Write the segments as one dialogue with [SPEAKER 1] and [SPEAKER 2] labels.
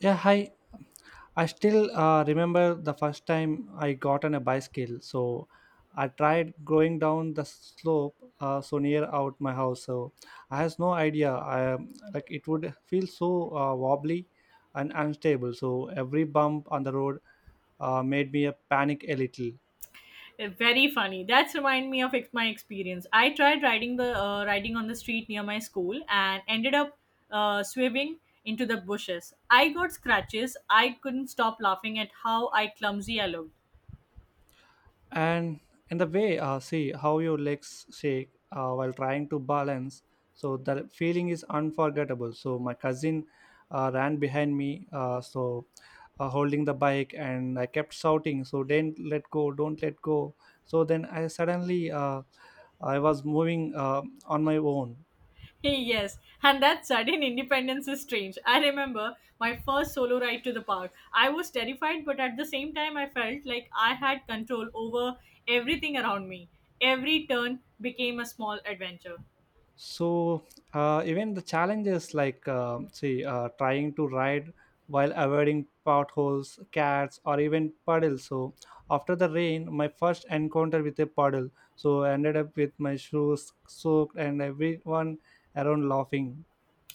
[SPEAKER 1] Yeah, hi. I still remember the first time I got on a bicycle. So I tried going down the slope so near out my house. So I has no idea. I like it would feel so wobbly and unstable. So every bump on the road made me panic a little.
[SPEAKER 2] Very funny. That's remind me of my experience. I tried riding the riding on the street near my school and ended up swerving into the bushes. I got scratches. I couldn't stop laughing at how I clumsy I looked.
[SPEAKER 1] And in the way, see how your legs shake while trying to balance, so the feeling is unforgettable. So my cousin ran behind me, holding the bike, and I kept shouting, so don't let go, don't let go. So then I suddenly I was moving, on my own.
[SPEAKER 2] Hey, yes, and that sudden independence is strange. I remember my first solo ride to the park. I was terrified, but at the same time, I felt like I had control over everything around me. Every turn became a small adventure.
[SPEAKER 1] So even the challenges like see, trying to ride while avoiding potholes, cats, or even puddles. So after the rain, my first encounter with a puddle, so I ended up with my shoes soaked and everyone around laughing.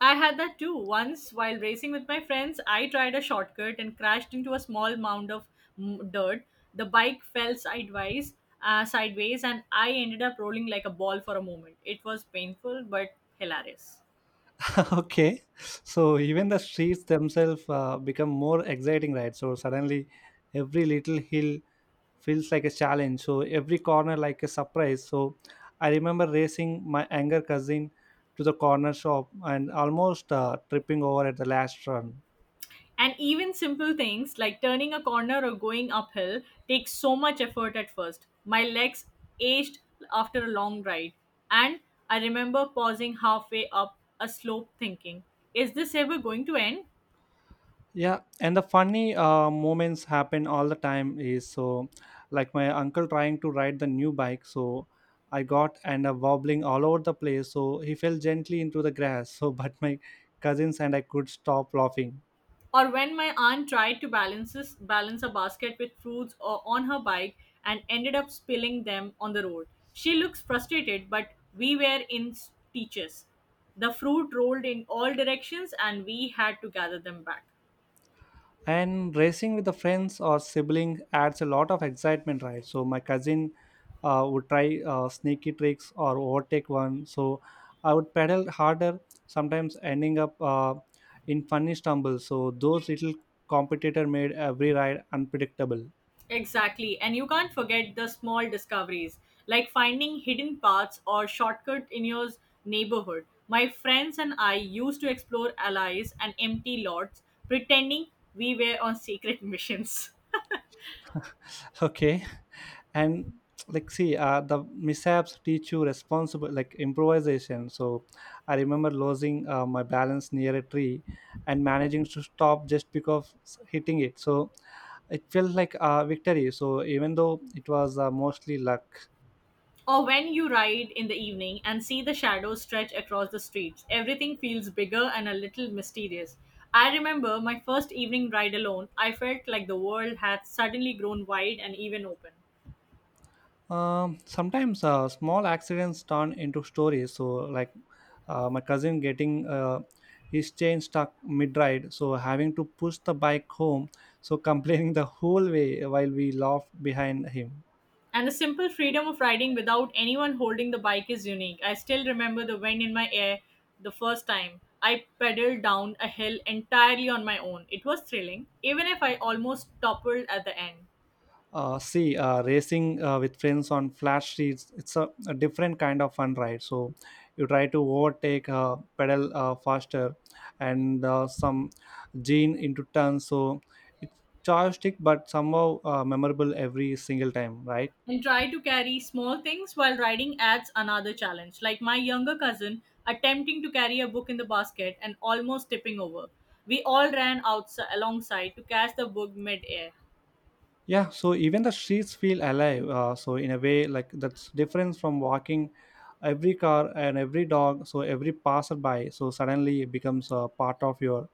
[SPEAKER 2] I had that too. Once, while racing with my friends, I tried a shortcut and crashed into a small mound of dirt. The bike fell sideways, and I ended up rolling like a ball for a moment. It was painful but hilarious.
[SPEAKER 1] Okay, so even the streets themselves become more exciting, right? So suddenly every little hill feels like a challenge, so every corner like a surprise. So I remember racing my younger cousin to the corner shop and almost tripping over at the last run.
[SPEAKER 2] And even simple things like turning a corner or going uphill take so much effort at first. My legs ached after a long ride, and I remember pausing halfway up a slope thinking, is this ever going to end?
[SPEAKER 1] Yeah, and the funny moments happen all the time is so, like my uncle trying to ride the new bike, so I got, and wobbling all over the place, so he fell gently into the grass. So but my cousins and I could stop laughing.
[SPEAKER 2] Or when my aunt tried to balance balance a basket with fruits or on her bike and ended up spilling them on the road. She looks frustrated, but we were in stitches. The fruit rolled in all directions and we had to gather them back.
[SPEAKER 1] And racing with the friends or sibling adds a lot of excitement, right? So my cousin would try sneaky tricks or overtake one, so I would pedal harder, sometimes ending up in funny stumbles. So those little competitor made every ride unpredictable.
[SPEAKER 2] Exactly, and you can't forget the small discoveries like finding hidden paths or shortcut in your neighborhood. My friends and I used to explore alleys and empty lots, pretending we were on secret missions.
[SPEAKER 1] Okay, and like see, the mishaps teach you responsible like improvisation. So I remember losing my balance near a tree and managing to stop just because hitting it. So it felt like a victory, so even though it was mostly luck.
[SPEAKER 2] Or when you ride in the evening and see the shadows stretch across the streets, everything feels bigger and a little mysterious. I remember my first evening ride alone, I felt like the world had suddenly grown wide and even open.
[SPEAKER 1] Sometimes small accidents turn into stories. So, like my cousin getting his chain stuck mid ride, so having to push the bike home, so complaining the whole way while we laughed behind him.
[SPEAKER 2] And the simple freedom of riding without anyone holding the bike is unique. I still remember the wind in my hair the first time I pedaled down a hill entirely on my own. It was thrilling, even if I almost toppled at the end.
[SPEAKER 1] See Racing with friends on flat streets, it's a different kind of fun, right? So you try to overtake, pedal faster, and some gene into turns. So it's joystick but somehow memorable every single time, right?
[SPEAKER 2] And try to carry small things while riding adds another challenge. Like my younger cousin attempting to carry a book in the basket and almost tipping over. We all ran outside alongside to catch the book mid-air.
[SPEAKER 1] Yeah, so even the streets feel alive, so in a way, like that's different from walking. Every car and every dog, so every passerby, so suddenly it becomes a part of your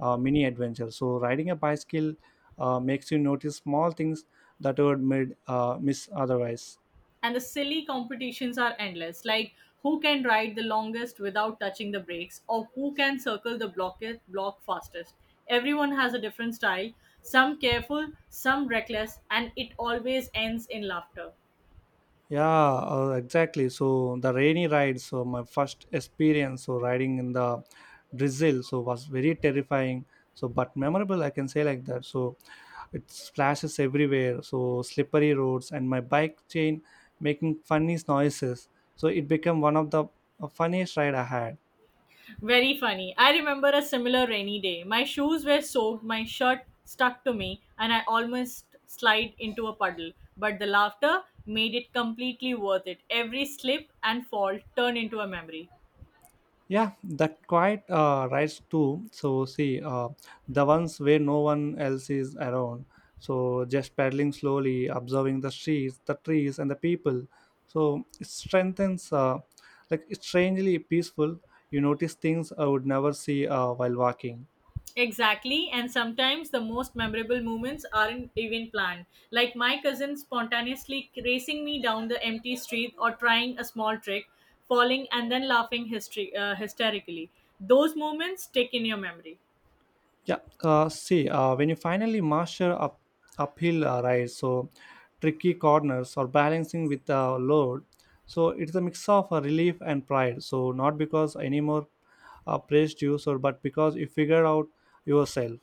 [SPEAKER 1] mini adventure. So riding a bicycle makes you notice small things that you would miss otherwise.
[SPEAKER 2] And the silly competitions are endless, like who can ride the longest without touching the brakes or who can circle the block fastest. Everyone has a different style, some careful, some reckless, and it always ends in laughter.
[SPEAKER 1] Yeah, exactly. So the rainy ride, so my first experience, so riding in the drizzle, so was very terrifying, so but memorable, I can say, like that. So it splashes everywhere, so slippery roads and my bike chain making funny noises. So it became one of the funniest ride I had.
[SPEAKER 2] Very funny. I remember a similar rainy day. My shoes were soaked, my shirt stuck to me, and I almost slid into a puddle. But the laughter made it completely worth it. Every slip and fall turned into a memory.
[SPEAKER 1] Yeah, that quiet rides too. So see, the ones where no one else is around. So just pedaling slowly, observing the streets, the trees, and the people. So it strengthens, like it's strangely peaceful. You notice things I would never see while walking.
[SPEAKER 2] Exactly, and sometimes the most memorable moments aren't even planned. Like my cousin spontaneously racing me down the empty street or trying a small trick, falling and then laughing hysterically. Those moments stick in your memory.
[SPEAKER 1] Yeah, when you finally master up uphill, right? So tricky corners or balancing with the load. So it's a mix of relief and pride. So not because anymore praised you, so but because you figured out yourself.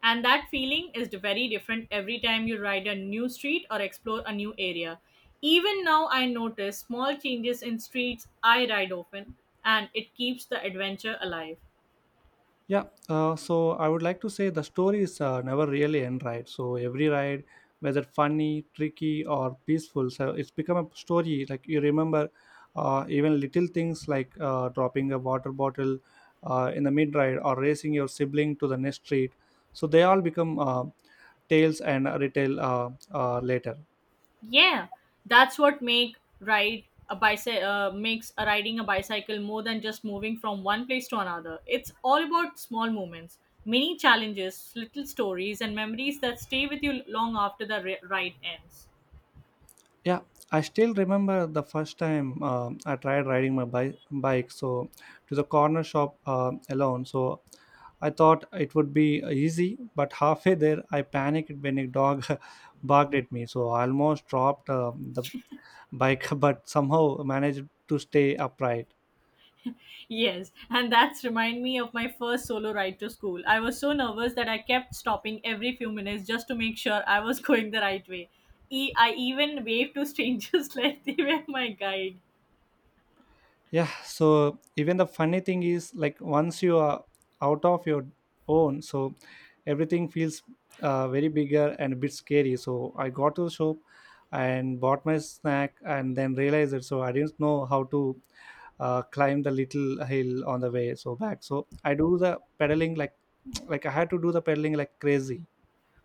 [SPEAKER 2] And that feeling is very different every time you ride a new street or explore a new area. Even now, I notice small changes in streets I ride often, and it keeps the adventure alive.
[SPEAKER 1] Yeah, so I would like to say the stories never really end, right? So every ride, whether funny, tricky, or peaceful, so it's become a story. Like you remember, even little things like dropping a water bottle in the mid ride or racing your sibling to the next street. So they all become tales and retail later.
[SPEAKER 2] Yeah, that's what make ride a bicycle makes a riding a bicycle more than just moving from one place to another. It's all about small moments, mini challenges, little stories, and memories that stay with you long after the ride ends.
[SPEAKER 1] Yeah, I still remember the first time I tried riding my bike, so to the corner shop alone. So I thought it would be easy, but halfway there I panicked when a dog barked at me. So I almost dropped the bike, but somehow managed to stay upright.
[SPEAKER 2] Yes, and that's remind me of my first solo ride to school. I was so nervous that I kept stopping every few minutes just to make sure I was going the right way. I even waved to strangers like they were my guide.
[SPEAKER 1] Yeah, so even the funny thing is, like once you are out of your own, so everything feels very bigger and a bit scary. So I got to the shop and bought my snack, and then realized it, so I didn't know how to climb the little hill on the way so back. So I do the pedaling like like I had to do the pedaling like crazy.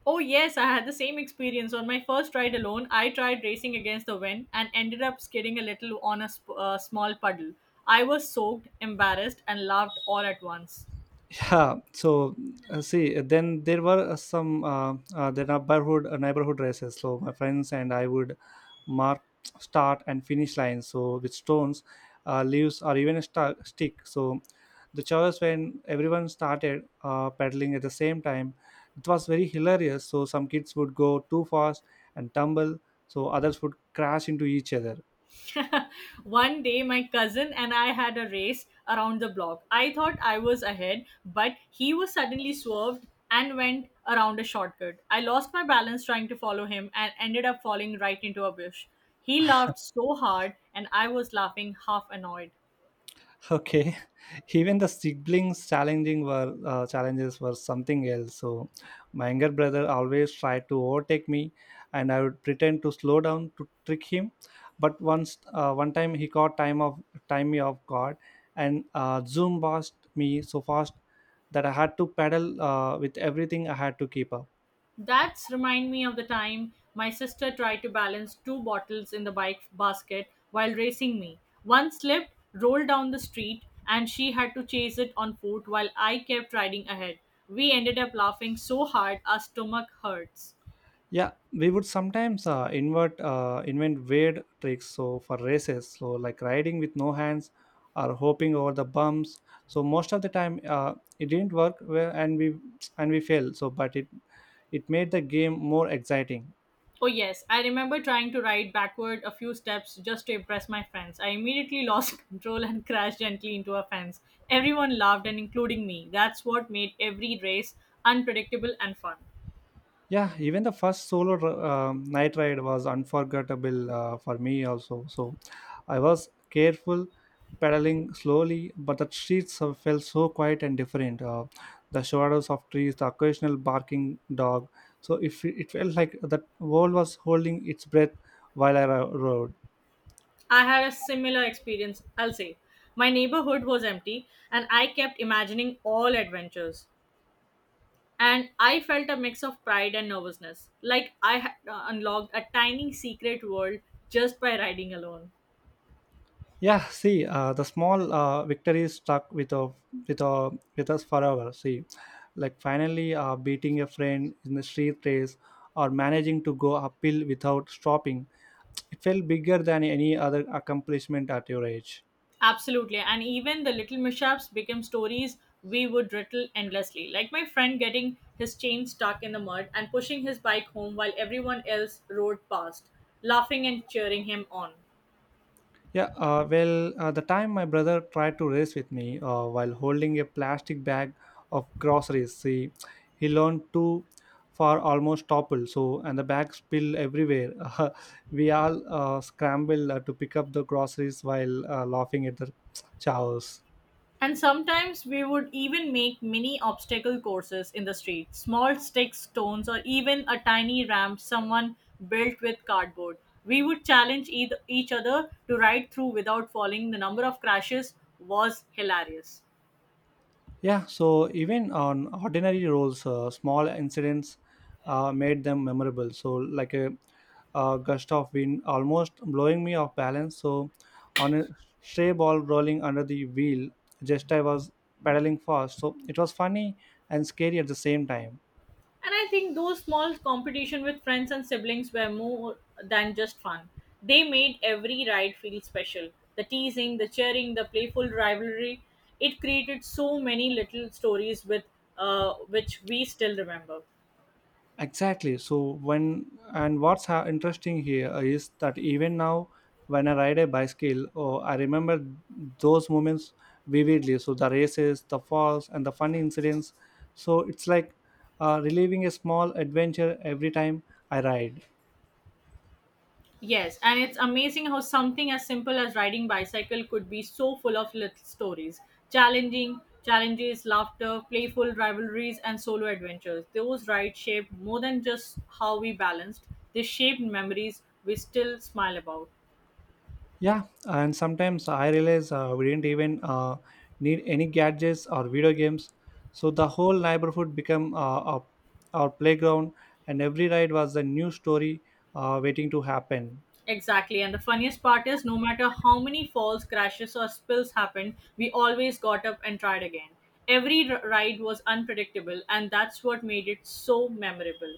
[SPEAKER 2] Oh yes, I had the same experience on my first ride alone. I tried racing against the wind and ended up skidding a little on a small puddle. I was soaked, embarrassed, and laughed all at once.
[SPEAKER 1] Yeah, so see then there were, some the neighborhood, neighborhood races. So my friends and I would mark start and finish lines, so with stones, leaves, or even a sta stick. So the choice when everyone started pedaling at the same time, it was very hilarious. So some kids would go too fast and tumble, so others would crash into each other.
[SPEAKER 2] One day, my cousin and I had a race around the block. I thought I was ahead, but he was suddenly swerved and went around a shortcut. I lost my balance trying to follow him and ended up falling right into a bush. He laughed so hard, and I was laughing half annoyed.
[SPEAKER 1] Okay, even the siblings challenging were challenges were something else. So my younger brother always tried to overtake me, and I would pretend to slow down to trick him. But once one time he caught time of time me off guard, and zoom past me so fast that I had to pedal with everything I had to keep up.
[SPEAKER 2] That's remind me of the time my sister tried to balance two bottles in the bike basket while racing me. One slipped, rolled down the street, and she had to chase it on foot while I kept riding ahead. We ended up laughing so hard our stomach hurts.
[SPEAKER 1] Yeah, we would sometimes invert invent weird tricks, so for races, so like riding with no hands or hopping over the bumps. So most of the time, it didn't work well, and we failed. So but it made the game more exciting.
[SPEAKER 2] Oh yes, I remember trying to ride backward a few steps just to impress my friends. I immediately lost control and crashed gently into a fence. Everyone laughed and including me. That's what made every race unpredictable and fun.
[SPEAKER 1] Yeah, even the first solo night ride was unforgettable, for me also. So I was careful, pedaling slowly, but the streets felt so quiet and different. The shadows of trees, the occasional barking dog, so if it it felt like the world was holding its breath while I rode.
[SPEAKER 2] I had a similar experience, I'll say. My neighborhood was empty, and I kept imagining all adventures. And I felt a mix of pride and nervousness, like I had unlocked a tiny secret world just by riding alone.
[SPEAKER 1] Yeah, see, the small victory stuck with a, with us forever. See, like finally beating a friend in the street race or managing to go uphill without stopping, it felt bigger than any other accomplishment at your age.
[SPEAKER 2] Absolutely, and even the little mishaps became stories we would rattle endlessly, like my friend getting his chain stuck in the mud and pushing his bike home while everyone else rode past, laughing and cheering him on.
[SPEAKER 1] Yeah, the time my brother tried to race with me while holding a plastic bag of groceries, see, he leaned too far, almost toppled. So, and the bag spilled everywhere. Uh, we all scrambled to pick up the groceries while laughing at the chaos.
[SPEAKER 2] And sometimes we would even make mini obstacle courses in the street small sticks, stones, or even a tiny ramp someone built with cardboard. We would challenge each other to ride through without falling. The number of crashes was hilarious.
[SPEAKER 1] Yeah, so even on ordinary roles, small incidents made them memorable. So, like gust of wind almost blowing me off balance. So on a stray ball rolling under the wheel, just I was pedaling fast. So it was funny and scary at the same time.
[SPEAKER 2] And I think those small competition with friends and siblings were more than just fun. They made every ride feel special. The teasing, the cheering, the playful rivalry, it created so many little stories with which we still remember.
[SPEAKER 1] Exactly. So when and interesting here is that even now, when I ride a bicycle, oh, I remember those moments vividly. So the races, the falls, and the funny incidents. So it's like reliving a small adventure every time I ride.
[SPEAKER 2] Yes, and it's amazing how something as simple as riding bicycle could be so full of little stories, challenging challenges, laughter, playful rivalries, and solo adventures. Those rides shaped more than just how we balanced; they shaped memories we still smile about.
[SPEAKER 1] Yeah, and sometimes I realize we didn't even need any gadgets or video games. So the whole neighborhood became our playground, and every ride was a new story waiting to happen.
[SPEAKER 2] Exactly, and the funniest part is, no matter how many falls, crashes, or spills happened, we always got up and tried again. Every ride was unpredictable, and that's what made it so memorable.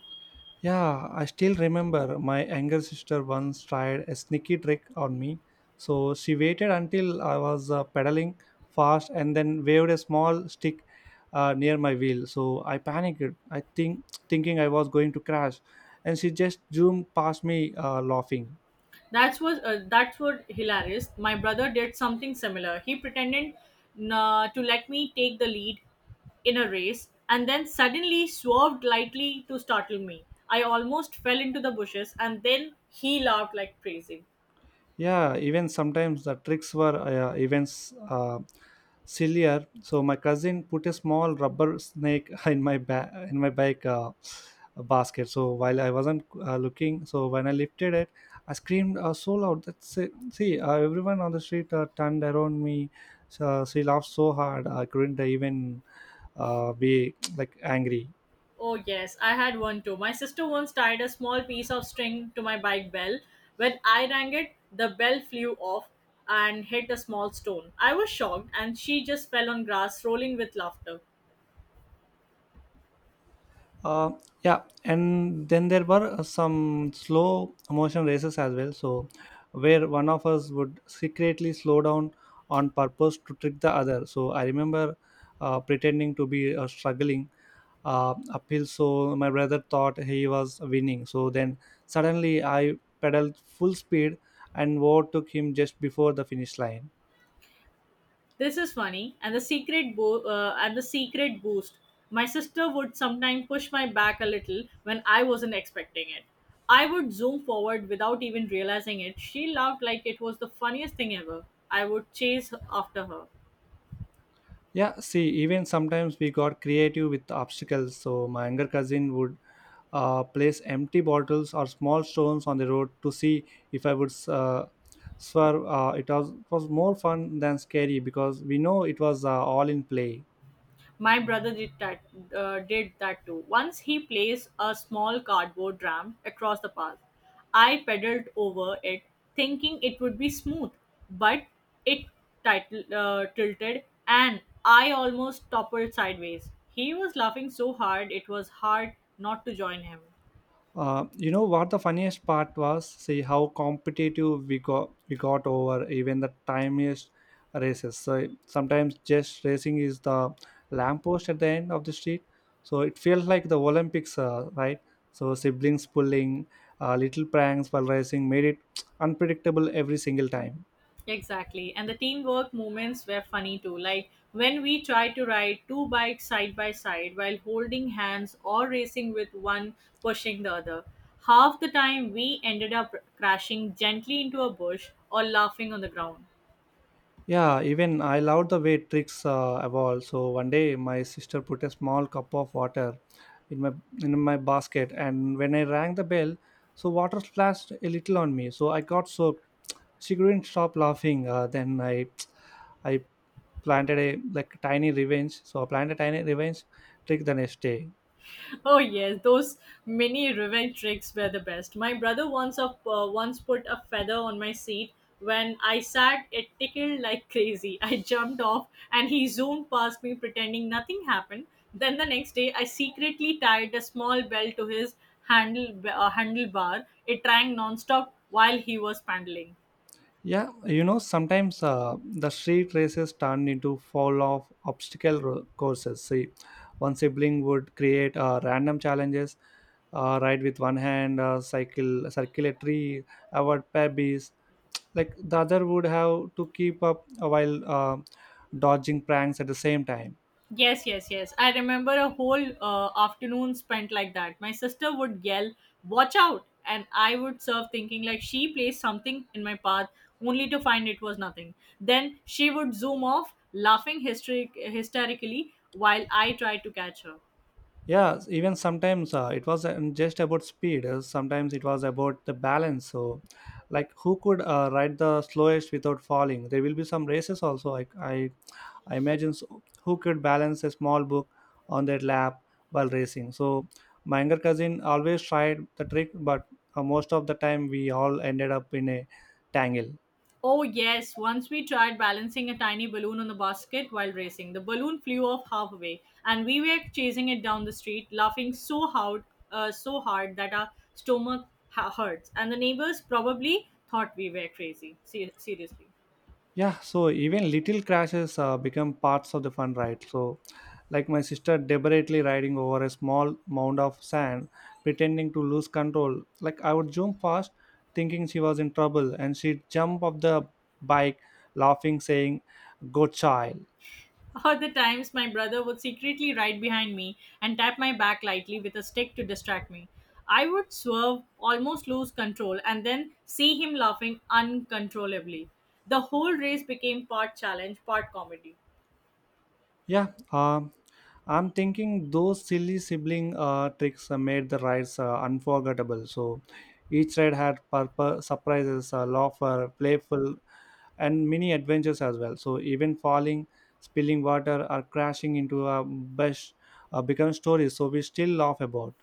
[SPEAKER 1] Yeah, I still remember my younger sister once tried a sneaky trick on me. So she waited until I was pedaling fast and then waved a small stick near my wheel. So I panicked, I think thinking I was going to crash, and she just zoomed past me laughing.
[SPEAKER 2] That's was that's what hilarious. My brother did something similar. He pretended to let me take the lead in a race, and then suddenly swerved lightly to startle me. I almost fell into the bushes, and then he laughed like crazy.
[SPEAKER 1] Yeah, even sometimes the tricks were yeah, even uh, sillier. So my cousin put a small rubber snake in my bike basket, so while I wasn't looking. So when I lifted it, I screamed so loud that see, see everyone on the street turned around me. So she laughed so hard I couldn't even be like angry.
[SPEAKER 2] Oh yes, I had one too. My sister once tied a small piece of string to my bike bell. When I rang it, the bell flew off and hit a small stone. I was shocked, and she just fell on grass, rolling with laughter.
[SPEAKER 1] uh, yeah, and then there were some slow motion races as well. So where one of us would secretly slow down on purpose to trick the other. So I remember pretending to be struggling uphill, so my brother thought he was winning. So then suddenly I pedaled full speed and overtook him just before the finish line.
[SPEAKER 2] This is funny, and the and the secret boost. My sister would sometimes push my back a little when I wasn't expecting it. I would zoom forward without even realizing it. She laughed like it was the funniest thing ever. I would chase after her.
[SPEAKER 1] Yeah, see, even sometimes we got creative with obstacles. So my younger cousin would place empty bottles or small stones on the road to see if I would swerve. It was more fun than scary because we know it was all in play.
[SPEAKER 2] My brother did that. Did that too. Once he placed a small cardboard ramp across the path. I pedaled over it, thinking it would be smooth, but it tilted, and I almost toppled sideways. He was laughing so hard it was hard not to join him.
[SPEAKER 1] You know what the funniest part was? See how competitive we got over even the tiniest races. So sometimes just racing is the lamppost at the end of the street. So it feels like the Olympics, right? So siblings pulling, little pranks while racing made it unpredictable every single time.
[SPEAKER 2] Exactly. And the teamwork moments were funny too. Like when we tried to ride two bikes side by side while holding hands or racing with one pushing the other. Half the time we ended up crashing gently into a bush or laughing on the ground.
[SPEAKER 1] Yeah, even I loved the way tricks evolve. So one day my sister put a small cup of water in my basket, and when I rang the bell, so water splashed a little on me. So I got soaked. She couldn't stop laughing. Then I planted a like tiny revenge. So I planted a tiny revenge trick the next day.
[SPEAKER 2] Oh yes, those mini revenge tricks were the best. My brother once put a feather on my seat. When I sat, it tickled like crazy. I jumped off and he zoomed past me pretending nothing happened. Then the next day, I secretly tied a small bell to his handlebar. It rang nonstop while he was paddling.
[SPEAKER 1] Yeah, you know, sometimes the street races turn into fall off obstacle courses. See, one sibling would create random challenges, ride with one hand, cycle, circulatory, avoid pebbles. Like the other would have to keep up while dodging pranks at the same time.
[SPEAKER 2] Yes, yes, yes. I remember a whole afternoon spent like that. My sister would yell, "Watch out!" and I would serve thinking like she placed something in my path, only to find it was nothing. Then she would zoom off, laughing hysterically while I tried to catch her.
[SPEAKER 1] Yeah, even sometimes it was just about speed, sometimes it was about the balance. So like who could ride the slowest without falling, there will be some races also. I imagine so, who could balance a small book on their lap while racing. So my younger cousin always tried the trick, but most of the time we all ended up in a tangle.
[SPEAKER 2] Oh, yes. Once we tried balancing a tiny balloon on the basket while racing. The balloon flew off halfway, and we were chasing it down the street, laughing so hard that our stomach hurts. And the neighbors probably thought we were crazy. Seriously.
[SPEAKER 1] Yeah, so even little crashes become parts of the fun, right? So, like my sister deliberately riding over a small mound of sand, pretending to lose control. Like I would jump fast, thinking she was in trouble, and she'd jump off the bike, laughing, saying, "Go child!"
[SPEAKER 2] All the times my brother would secretly ride behind me and tap my back lightly with a stick to distract me. I would swerve, almost lose control, and then see him laughing uncontrollably. The whole race became part challenge, part comedy.
[SPEAKER 1] Yeah, I'm thinking those silly sibling tricks made the rides unforgettable. So each ride had purpose, surprises, laughter, playful, and mini adventures as well. So even falling, spilling water, or crashing into a bush become stories. So we still laugh about.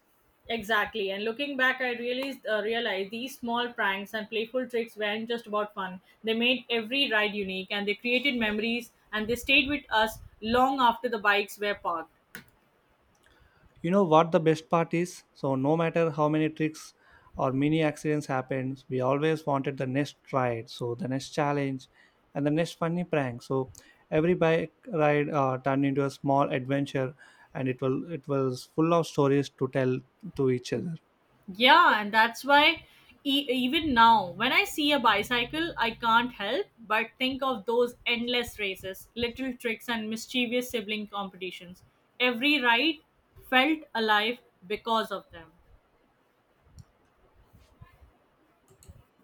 [SPEAKER 2] Exactly, and looking back, I realized, realized these small pranks and playful tricks weren't just about fun. They made every ride unique and they created memories and they stayed with us long after the bikes were parked.
[SPEAKER 1] You know what the best part is? So, no matter how many tricks or mini accidents happens, we always wanted the next ride, so the next challenge, and the next funny prank. So every bike ride turned into a small adventure, and it was full of stories to tell to each other.
[SPEAKER 2] Yeah, and that's why even now, when I see a bicycle, I can't help but think of those endless races, little tricks, and mischievous sibling competitions. Every ride felt alive because of them.